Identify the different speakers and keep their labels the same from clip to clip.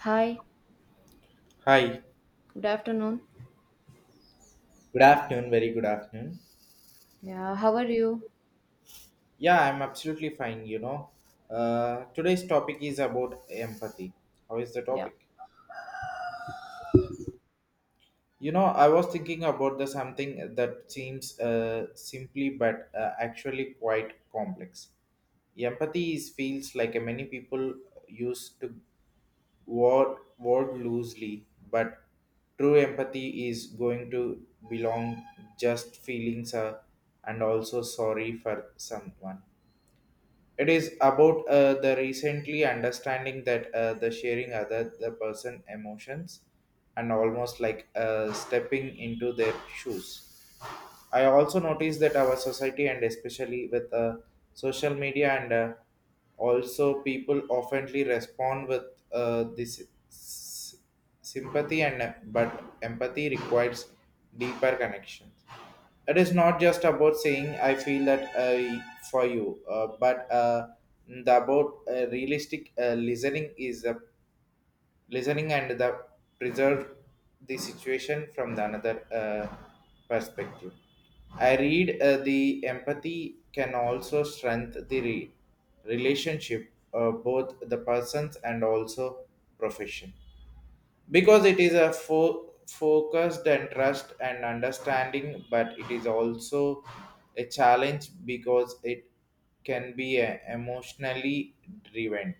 Speaker 1: Hi,
Speaker 2: Hi,
Speaker 1: good afternoon.
Speaker 2: good afternoon, very good afternoon.
Speaker 1: Yeah, how are you?
Speaker 2: Yeah, I'm absolutely fine. Today's topic is about empathy. How is the
Speaker 1: Yeah.
Speaker 2: topic? I was thinking about the something that seems simply but actually quite complex. Empathy is feels like many people use the word loosely, but true empathy is going to belong just feelings and also sorry for someone. It is about the recently understanding that the sharing other the person emotions and almost like stepping into their shoes. I also noticed that our society and especially with social media and also people oftenly respond with this s- sympathy and but empathy requires deeper connections. It is not just about saying I feel that for you, but the about realistic listening is a listening and the preserve the situation from the another perspective. I read the empathy can also strengthen the relationship both the persons and also profession because it is a focused and trust and understanding, but it is also a challenge because it can be emotionally driven.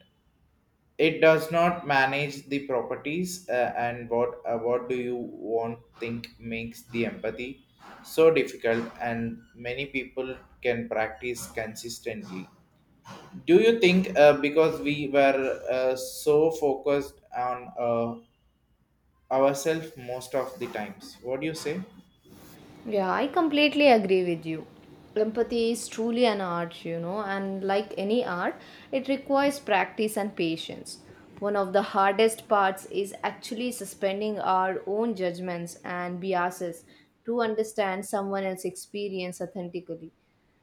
Speaker 2: It does not manage the properties and what do you want think makes the empathy so difficult and many people can practice consistently. Do you think because we were so focused on ourselves most of the times? What do you say?
Speaker 1: Yeah, I completely agree with you. Empathy is truly an art, you know, and like any art, it requires practice and patience. One of the hardest parts is actually suspending our own judgments and biases to understand someone else's experience authentically.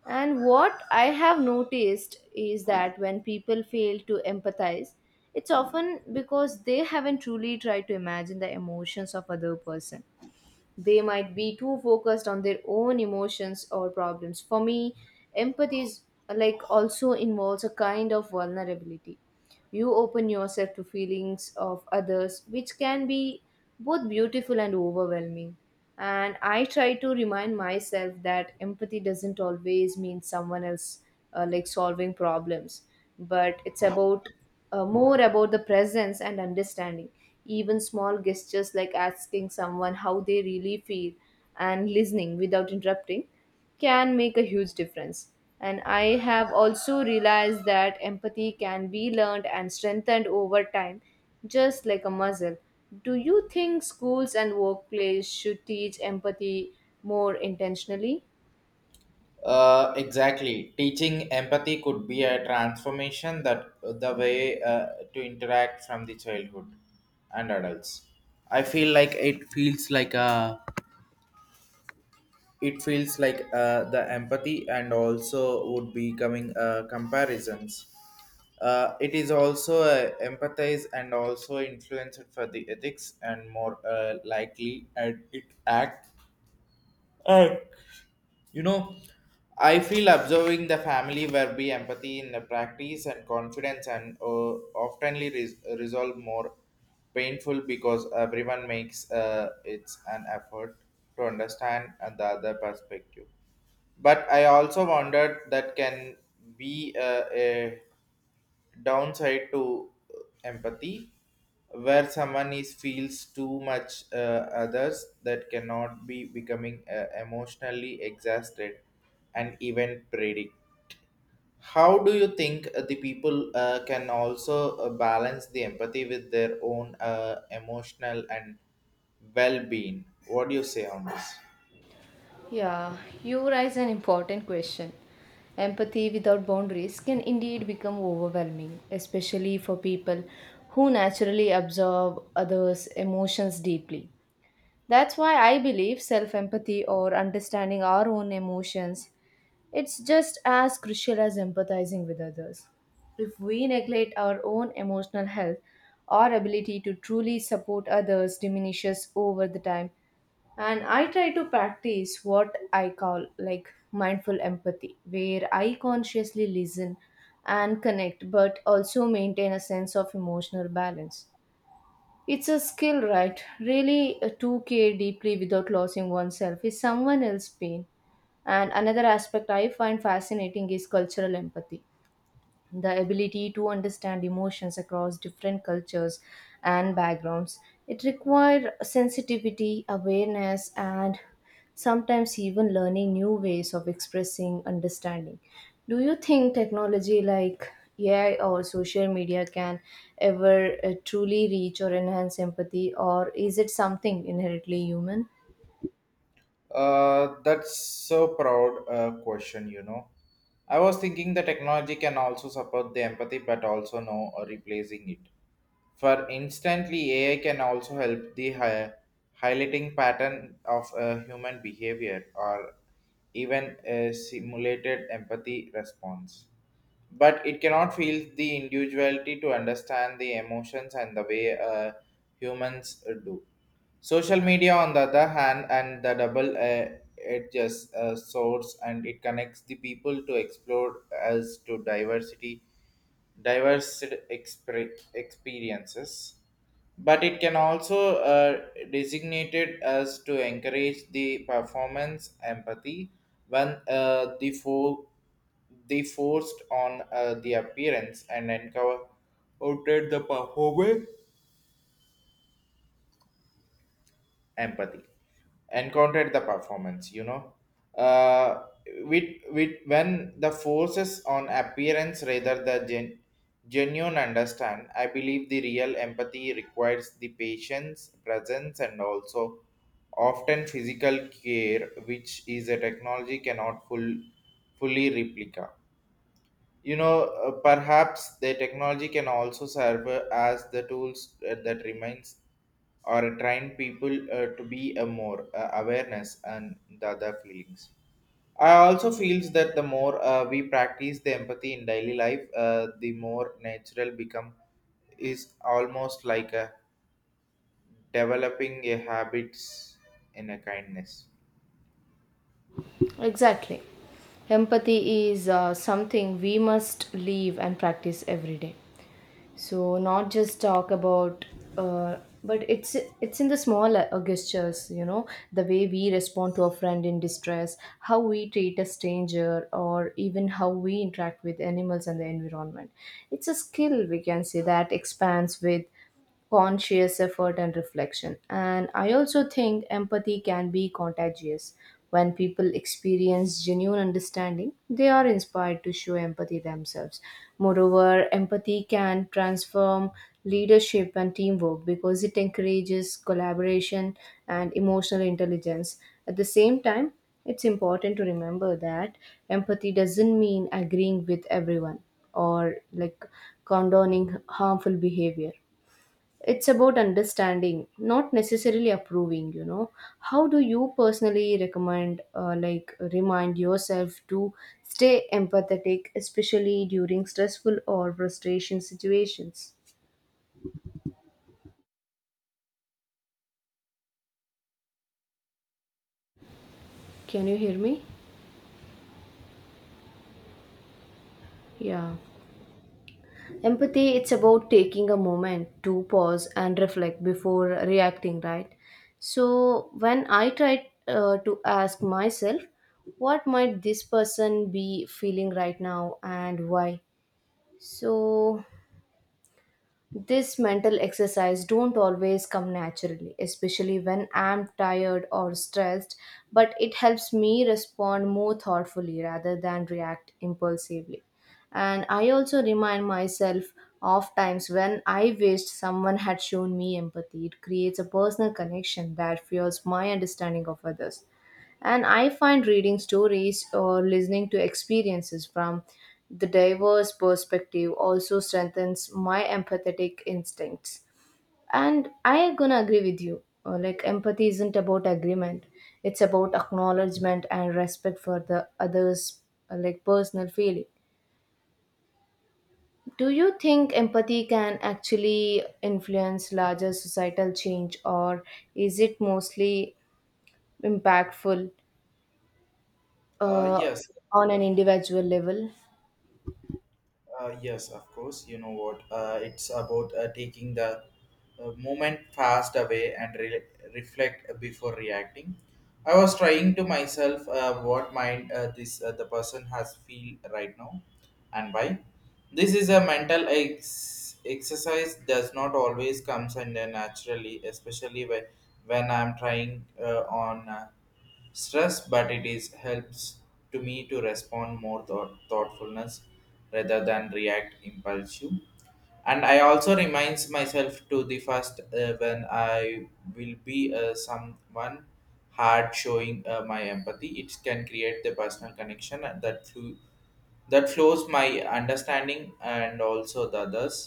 Speaker 1: And what I have noticed is that when people fail to empathize, it's often because they haven't truly tried to imagine the emotions of other person they might be too focused on their own emotions or problems. For me, empathy is like also involves a kind of vulnerability. You open yourself to feelings of others, which can be both beautiful and overwhelming. And I try to remind myself that empathy doesn't always mean someone else like solving problems, but it's about more about the presence and understanding. Even small gestures like asking someone how they really feel and listening without interrupting can make a huge difference. And I have also realized that empathy can be learned and strengthened over time, just like a muscle. Do you think schools and workplace should teach empathy more intentionally?
Speaker 2: Exactly. Teaching empathy could be a transformation that the way to interact from the childhood and adults. I feel like it feels like the empathy and also would be coming comparisons. It is also empathize and also influenced for the ethics and more likely and it act uh, You know, I feel observing the family where be empathy in the practice and confidence and oftenly resolve more painful because everyone makes it's an effort to understand and the other perspective. But I also wondered that can be a downside to empathy, where someone is feels too much others that cannot be becoming emotionally exhausted and even predict. How do you think the people can also balance the empathy with their own emotional and well-being? What do you say on this?
Speaker 1: Yeah, you raise an important question. Empathy without boundaries can indeed become overwhelming, especially for people who naturally absorb others' emotions deeply. That's why I believe self empathy or understanding our own emotions it's just as crucial as empathizing with others. If we neglect our own emotional health, our ability to truly support others diminishes over the time. And I try to practice what I call like mindful empathy, where I consciously listen and connect but also maintain a sense of emotional balance. It's a skill, right, really to care deeply without losing oneself is someone else's pain. And another aspect I find fascinating is cultural empathy, the ability to understand emotions across different cultures and backgrounds. It requires sensitivity, awareness, and sometimes even learning new ways of expressing understanding. Do you think technology like AI or social media can ever truly reach or enhance empathy, or is it something inherently human?
Speaker 2: That's so proud question. I was thinking the technology can also support the empathy, but also no replacing it. For instantly, AI can also help the highlighting pattern of human behavior or even a simulated empathy response. But it cannot feel the individuality to understand the emotions and the way humans do. Social media, on the other hand, and the double edges swords, and it connects the people to explore as to diversity, diverse experiences. But it can also designated as to encourage the performance empathy when the they forced on the appearance and encountered the performance empathy encountered the performance uh with with when the forces on appearance rather the genuine understand. I believe the real empathy requires the patience presence and also often physical care, which is a technology cannot fully replica. Perhaps the technology can also serve as the tools that remains or train people to be a more awareness and the other feelings. I also feels that the more we practice the empathy in daily life, the more natural become is almost like a developing a habits in a kindness.
Speaker 1: Exactly. Empathy is something we must live and practice every day. So not just talk about uh, but it's in the small gestures, you know, the way we respond to a friend in distress, how we treat a stranger, or even how we interact with animals and the environment. It's a skill we can say that expands with conscious effort and reflection. And I also think empathy can be contagious. When people experience genuine understanding, they are inspired to show empathy themselves. Moreover, empathy can transform leadership and teamwork because it encourages collaboration and emotional intelligence. At the same time, it's important to remember that empathy doesn't mean agreeing with everyone or like condoning harmful behavior. It's about understanding, not necessarily approving, you know. How do you personally recommend, like, remind yourself to stay empathetic, especially during stressful or frustration situations? Can you hear me? Yeah. Empathy, it's about taking a moment to pause and reflect before reacting, right? So, when I try to ask myself, what might this person be feeling right now and why? So, this mental exercise don't always come naturally, especially when I'm tired or stressed, but it helps me respond more thoughtfully rather than react impulsively. And I also remind myself of times when I wished someone had shown me empathy. It creates a personal connection that fuels my understanding of others. And I find reading stories or listening to experiences from the diverse perspective also strengthens my empathetic instincts. And I am gonna agree with you. Like empathy isn't about agreement; it's about acknowledgement and respect for the others' like personal feeling. Do you think empathy can actually influence larger societal change, or is it mostly impactful uh,
Speaker 2: Yes.
Speaker 1: on an individual level?
Speaker 2: Yes, of course. You know what? It's about taking the moment fast away and reflect before reacting. I was trying to myself what mind this the person has feel right now and why. This is a mental exercise does not always comes and then naturally, especially when I'm trying on. Stress, but it is helps to me to respond more thoughtfulness rather than react impulsive. And I also reminds myself to the first when I will be someone hard showing my empathy. It can create the personal connection and that flows my understanding and also the others.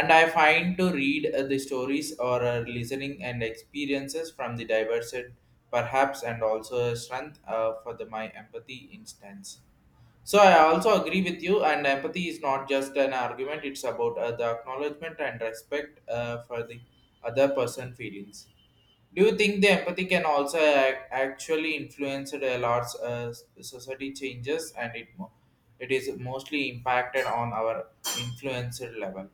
Speaker 2: And I find to read the stories or listening and experiences from the diverse perhaps and also strength for the my empathy instance. So I also agree with you, and empathy is not just an argument; it's about the acknowledgement and respect for the other person' feelings. Do you think the empathy can also actually influence a large society changes, and it is mostly impacted on our influencer level?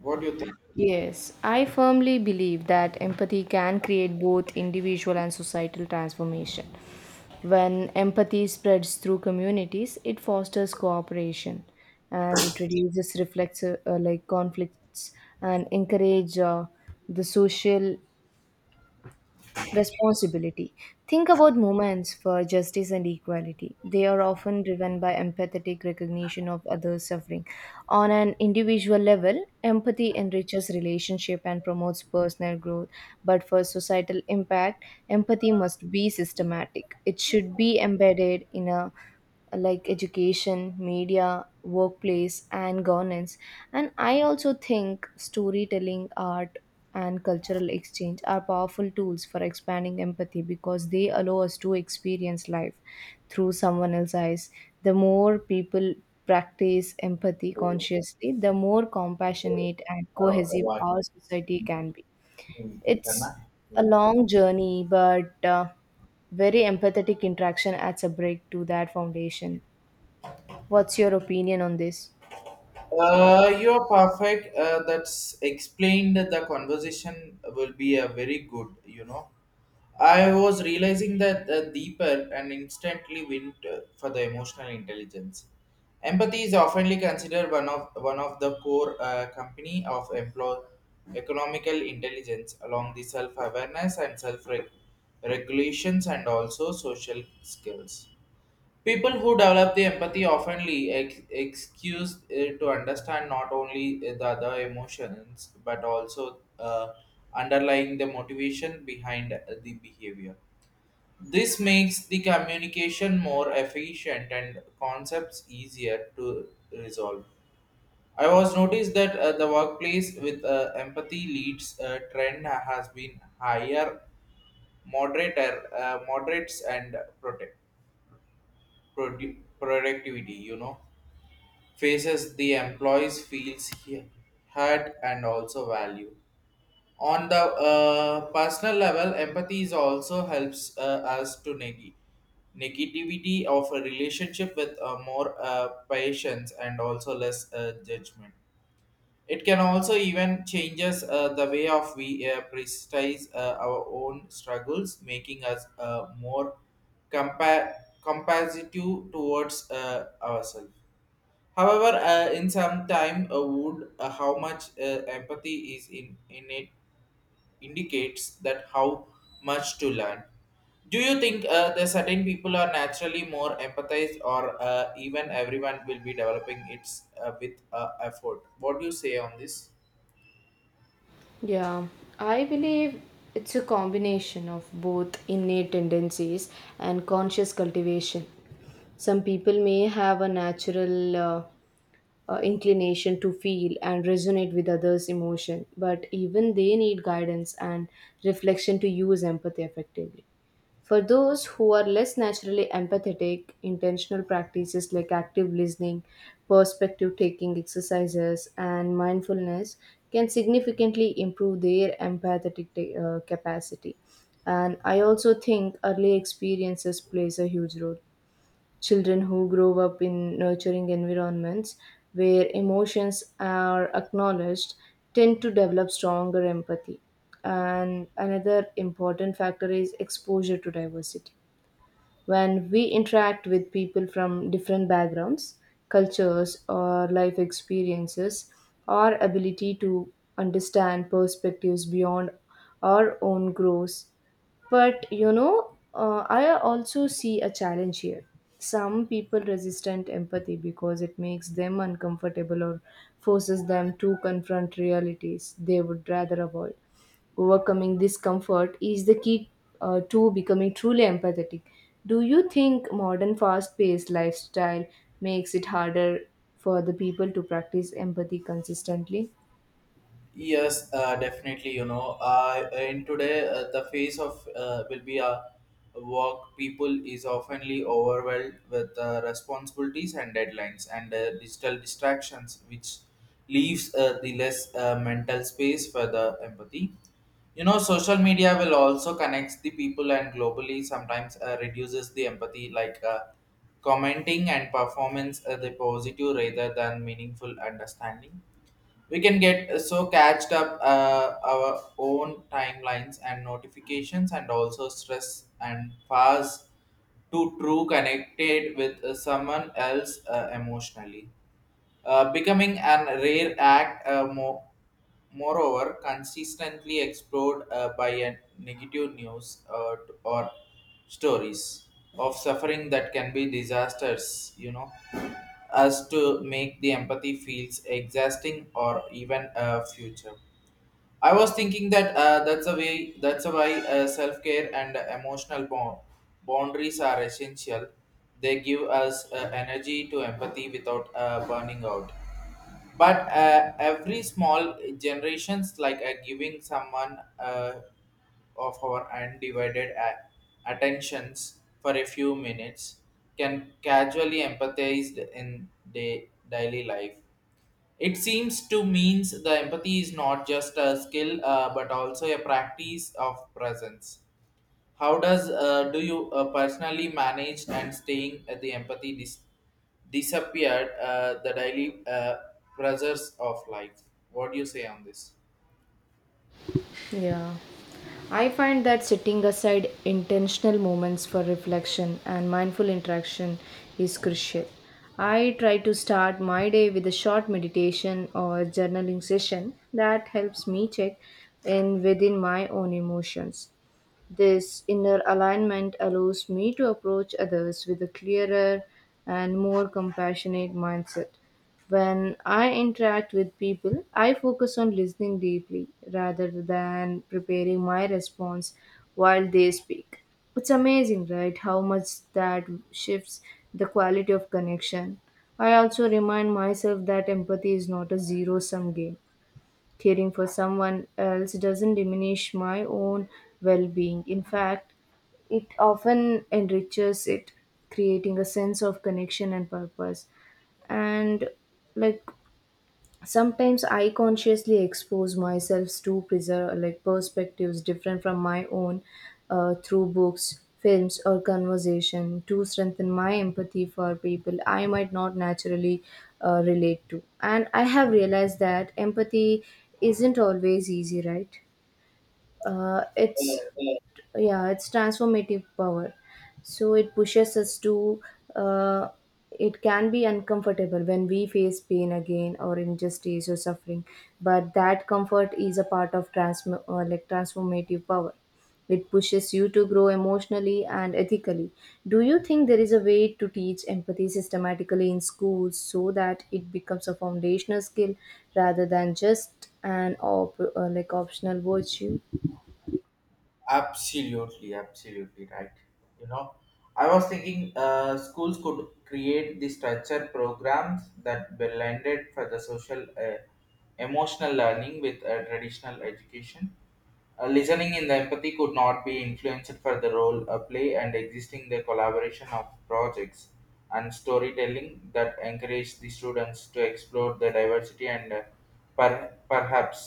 Speaker 2: What do you think?
Speaker 1: Yes, I firmly believe that empathy can create both individual and societal transformation. When empathy spreads through communities, it fosters cooperation and it reduces reflex, like conflicts and encourage the social responsibility. Think about movements for justice and equality. They are often driven by empathetic recognition of others' suffering. On an individual level, empathy enriches relationship and promotes personal growth, but for societal impact, empathy must be systematic. It should be embedded in a like education, media, workplace, and governance. And I also think storytelling, art, and cultural exchange are powerful tools for expanding empathy because they allow us to experience life through someone else's eyes. The more people practice empathy
Speaker 2: Oh,
Speaker 1: consciously, the more
Speaker 2: oh,
Speaker 1: compassionate and cohesive
Speaker 2: oh,
Speaker 1: our society can be.
Speaker 2: hmm,
Speaker 1: It's
Speaker 2: Karna?
Speaker 1: a long journey, but very empathetic interaction adds a break to that foundation. What's your opinion on this?
Speaker 2: You are perfect. That's explained. The conversation will be a very good. I was realizing that deeper and instantly went for the emotional intelligence. Empathy is oftenly considered one of the core company of employ economical intelligence along the self awareness and self regulations and also social skills. People who develop the empathy oftenly excuse to understand not only the other emotions but also underlying the motivation behind the behavior. This makes the communication more efficient and concepts easier to resolve. I was noticed that the workplace with empathy leads trend has been higher moderator moderates and protect productivity. Faces the employees feels he hurt and also value on the personal level. Empathy is also helps us to negativity of a relationship with more patience and also less judgment. It can also even changes the way of we prioritize our own struggles, making us more compa- compassionate towards ourselves. However, in some time, a wood, how much empathy is in it indicates that how much to learn. Do you think the certain people are naturally more empathized, or even everyone will be developing its with effort? What do you say on this?
Speaker 1: Yeah, I believe it's a combination of both innate tendencies and conscious cultivation. Some people may have a natural inclination to feel and resonate with others' emotion, but even they need guidance and reflection to use empathy effectively. For those who are less naturally empathetic, intentional practices like active listening, perspective taking exercises, and mindfulness can significantly improve their empathetic capacity. And I also think early experiences plays a huge role. Children who grow up in nurturing environments where emotions are acknowledged tend to develop stronger empathy. And another important factor is exposure to diversity when we interact with people from different backgrounds, cultures, or life experiences, our ability to understand perspectives beyond our own grows. But you know, I also see a challenge here. Some people resistant empathy because it makes them uncomfortable or forces them to confront realities they would rather avoid. Overcoming discomfort is the key to becoming truly empathetic. Do you think modern fast paced lifestyle makes it harder for the people to practice empathy consistently?
Speaker 2: Yes, definitely. In today, the face of will be a work. People is oftenly overwhelmed with responsibilities and deadlines and digital distractions, which leaves the less mental space for the empathy. Social media will also connect the people and globally sometimes reduces the empathy, like commenting and performance the positive rather than meaningful understanding. We can get so catched up our own timelines and notifications and also stress and pass to true connected with someone else emotionally becoming an rare act, moreover, consistently explored by a negative news or stories of suffering that can be disasters, as to make the empathy feels exhausting or even future. I was thinking that that's a way. That's a why self care and emotional bond boundaries are essential. They give us energy to empathy without burning out. But every small generations like giving someone of our undivided attentions for a few minutes can casually empathized in daily life. It seems to means the empathy is not just a skill but also a practice of presence. How does do you personally manage and staying at the empathy disappeared the daily pressures of life? What do you say on this?
Speaker 1: Yeah. I find that setting aside intentional moments for reflection and mindful interaction is crucial. I try to start my day with a short meditation or journaling session that helps me check in within my own emotions. This inner alignment allows me to approach others with a clearer and more compassionate mindset. When I interact with people, I focus on listening deeply rather than preparing my response while they speak. It's amazing, right, how much that shifts the quality of connection. I also remind myself that empathy is not a zero sum game. Caring for someone else doesn't diminish my own well being. In fact, it often enriches it, creating a sense of connection and purpose. And like sometimes I consciously expose myself to preserve like perspectives different from my own through books, films, or conversation to strengthen my empathy for people I might not naturally relate to. And I have realized that empathy isn't always easy, right? uh, it's
Speaker 2: Uh,
Speaker 1: yeah it's transformative power, so it pushes us to uh, it can be uncomfortable when we face pain again or injustice or suffering, but that comfort is a part of transformative power. It pushes you to grow emotionally and ethically. Do you think there is a way to teach empathy systematically in schools so that it becomes a foundational skill rather than just an optional virtue?
Speaker 2: Absolutely, absolutely right. You know, I was thinking schools could create the structure programs that blended for the social, emotional learning with traditional education. Listening in the empathy could not be influenced for the role a play and existing the collaboration of projects and storytelling that encourage the students to explore the diversity and perhaps.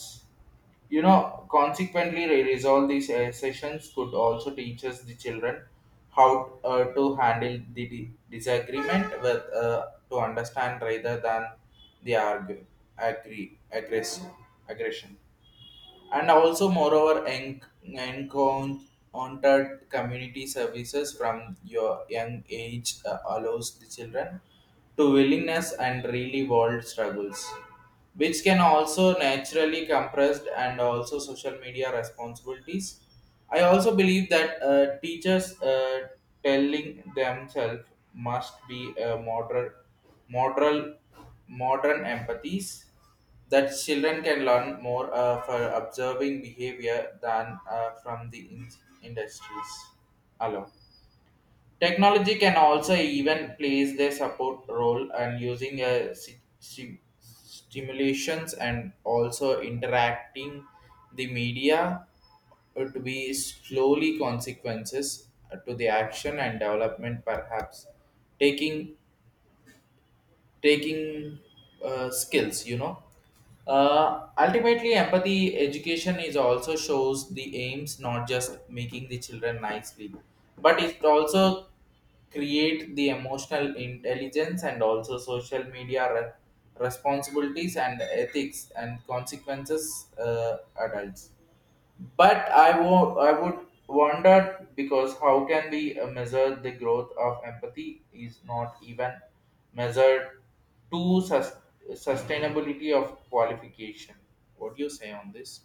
Speaker 2: Consequently resolve these sessions could also teach us the children how to handle the disagreement with to understand rather than the argue agree aggressive aggression. And also moreover encountered community services from your young age allows the children to willingness and really world struggles, which can also naturally compressed and also social media responsibilities. I also believe that teachers telling themselves must be a modern modern empathies that children can learn more for observing behavior than from the industries alone. Technology can also even plays their support role and using stimulations and also interacting the media, to be slowly consequences to the action and development perhaps taking taking skills. Ultimately empathy education is also shows the aims not just making the children nicely but it also create the emotional intelligence and also social media responsibilities and ethics and consequences adults but I would wonder because how can we measure the growth of empathy is not even measured to sustainability of qualification. What do you say on this?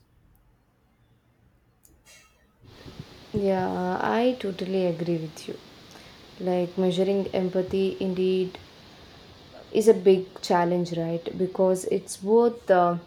Speaker 1: Yeah, I totally agree with you. Like measuring empathy indeed is a big challenge, right? Because it's both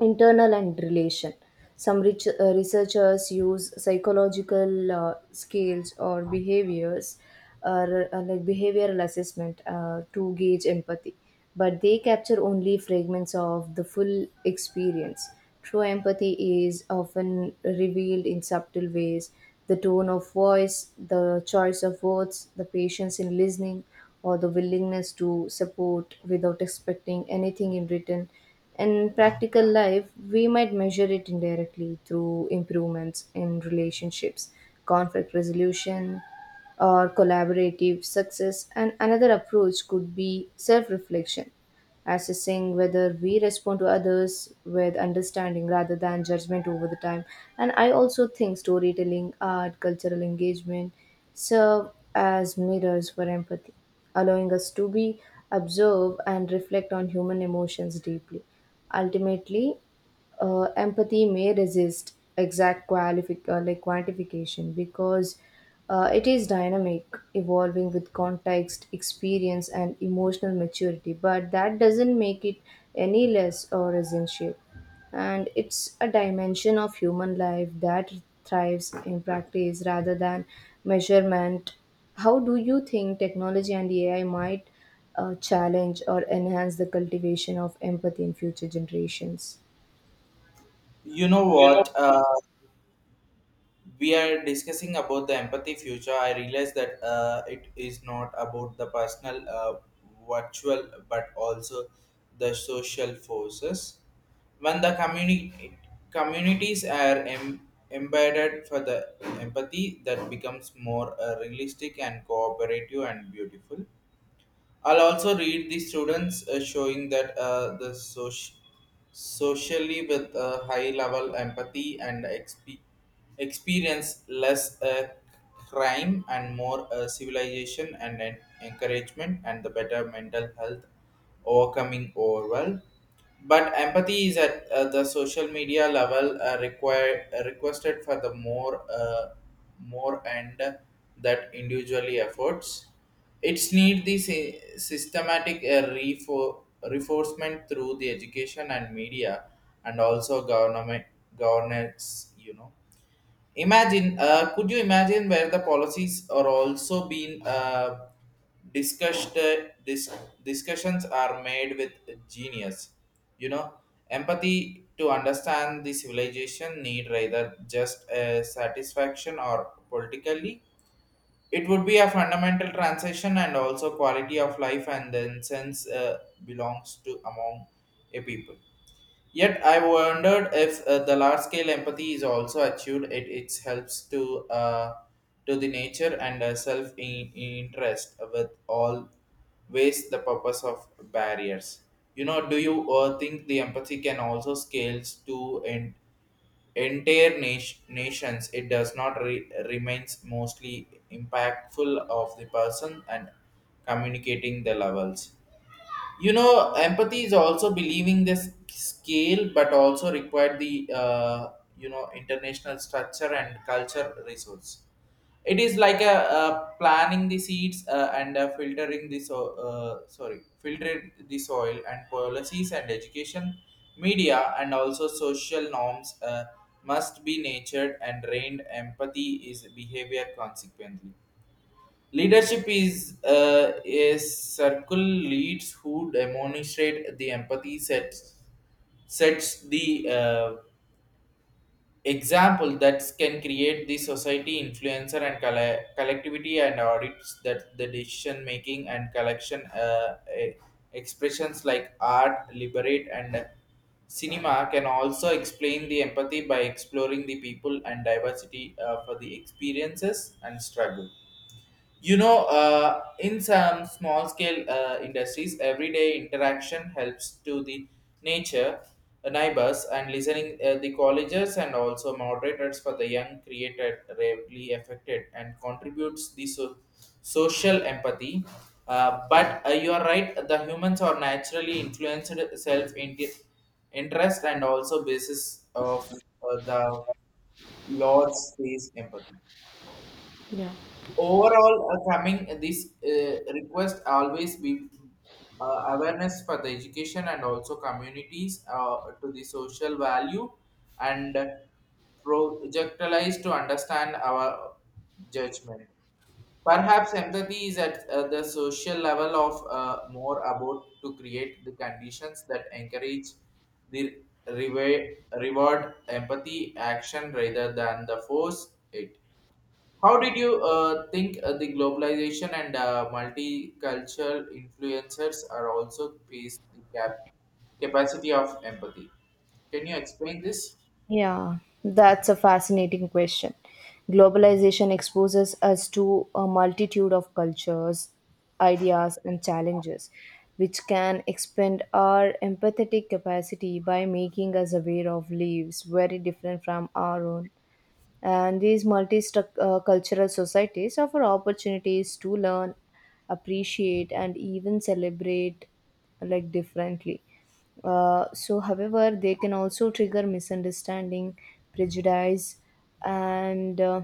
Speaker 1: internal and relation. Some rich, researchers use psychological scales or behaviors, or like behavioral assessment, to gauge empathy, but they capture only fragments of the full experience. True empathy is often revealed in subtle ways the tone of voice, the choice of words, the patience in listening, or the willingness to support without expecting anything in return. In practical life, we might measure it indirectly through improvements in relationships, conflict resolution, or collaborative success. And another approach could be self reflection assessing whether we respond to others with understanding rather than judgment over the time. And I also think storytelling, art, cultural engagement serve as mirrors for empathy, allowing us to be observe and reflect on human emotions deeply. Ultimately, empathy may resist exact quantification because it is dynamic, evolving with context, experience, and emotional maturity. But that doesn't make it any less or essential. And it's a dimension of human life that thrives in practice rather than measurement. How do you think technology and AI might challenge or enhance the cultivation of empathy in future generations?
Speaker 2: You know what? We are discussing about the empathy future I realize that it is not about the personal virtual but also the social forces when the communities are embedded for the empathy that becomes more realistic and cooperative and beautiful. I'll also read the students showing that the socially with a high level empathy and experience less crime and more civilization and encouragement and the better mental health overcoming overwhelm. But empathy is at the social media level required requested for the more more and that individually efforts. It's need the systematic reinforcement through the education and media and also government governance. You know, imagine. Could you imagine where the policies are also being discussed? Discussions are made with genius. You know, empathy to understand the civilization need rather just a satisfaction or politically it would be a fundamental transition and also quality of life and then sense belongs to among a people yet I wondered if the large scale empathy is also achieved it helps to the nature and self interest with all ways the purpose of barriers. You know, do you think the empathy can also scales to in entire nation, nations it does not remains mostly impactful of the person and communicating the levels. You know empathy is also believing this scale but also required the international structure and culture resource. It is like a, planning the seeds and filtering the so sorry filtering the soil and policies and education media and also social norms, must be nurtured and trained empathy is behavior consequently. Leadership is a circle leads who demonstrate the empathy sets the example that can create the society influencer and collectivity and audits that the decision making and collection expressions like art liberate and cinema can also explain the empathy by exploring the people and diversity for the experiences and struggle. You know, in some small scale industries, everyday interaction helps to the nature, neighbors, and listening the colleges and also moderators for the young created rarely affected and contributes the social empathy. But you are right, the humans are naturally influenced self interest and also basis of the Lord's face empathy
Speaker 1: Yeah.
Speaker 2: overall coming this request always be uh, awareness for the education and also communities to the social value and projectalize to understand our judgment. Perhaps empathy is at the social level of more about to create the conditions that encourage the reward empathy action rather than the force it. How did you think the globalization and multicultural influencers are also face the capacity of empathy? Can you explain this?
Speaker 1: Yeah, that's a fascinating question. Globalization exposes us to a multitude of cultures, ideas, and challenges, which can expand our empathetic capacity by making us aware of lives very different from our own. And these multicultural societies offer opportunities to learn, appreciate, and even celebrate like differently. However, they can also trigger misunderstanding, prejudice, and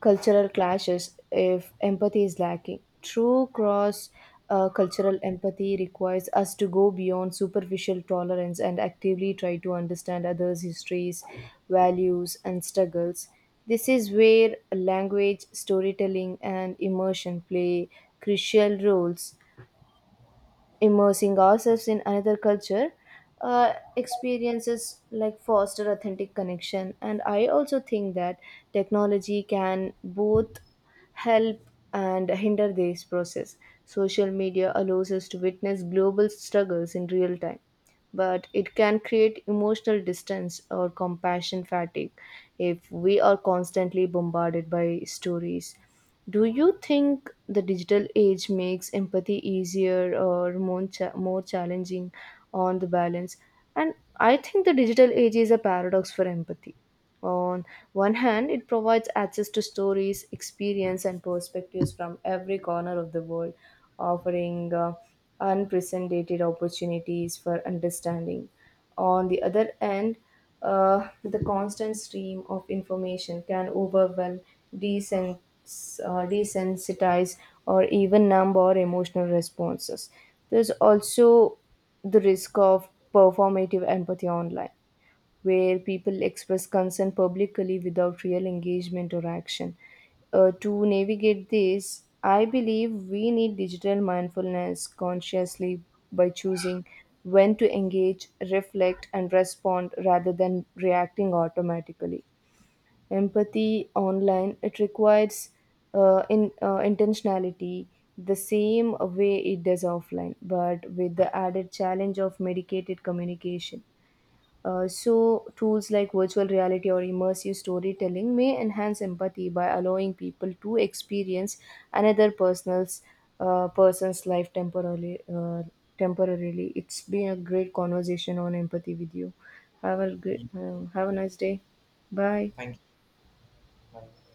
Speaker 1: cultural clashes if empathy is lacking. True cross cultural empathy requires us to go beyond superficial tolerance and actively try to understand others' histories, values, and struggles. This is where language, storytelling, and immersion play crucial roles immersing ourselves in another culture experiences like foster authentic connection. And I also think that technology can both help and hinder this process. Social media allows us to witness global struggles in real time, but it can create emotional distance or compassion fatigue if we are constantly bombarded by stories. Do you think the digital age makes empathy easier or more challenging on the balance? And I think the digital age is a paradox for empathy. On one hand, it provides access to stories, experience, and perspectives from every corner of the world, offering unprecedented opportunities for understanding. On the other hand, the constant stream of information can overwhelm, desens- desensitize, or even numb our emotional responses. There's also the risk of performative empathy online where people express concern publicly without real engagement or action. To navigate this, I believe we need digital mindfulness consciously by choosing when to engage, reflect, and respond rather than reacting automatically. Empathy online, it requires in intentionality the same way it does offline, but with the added challenge of medicated communication. Tools like virtual reality or immersive storytelling may enhance empathy by allowing people to experience another person's person's life temporarily. Temporarily, it's been a great conversation on empathy with you. Have a great,
Speaker 2: Ye-
Speaker 1: have a nice day. Bye.
Speaker 2: Thank you. Bye.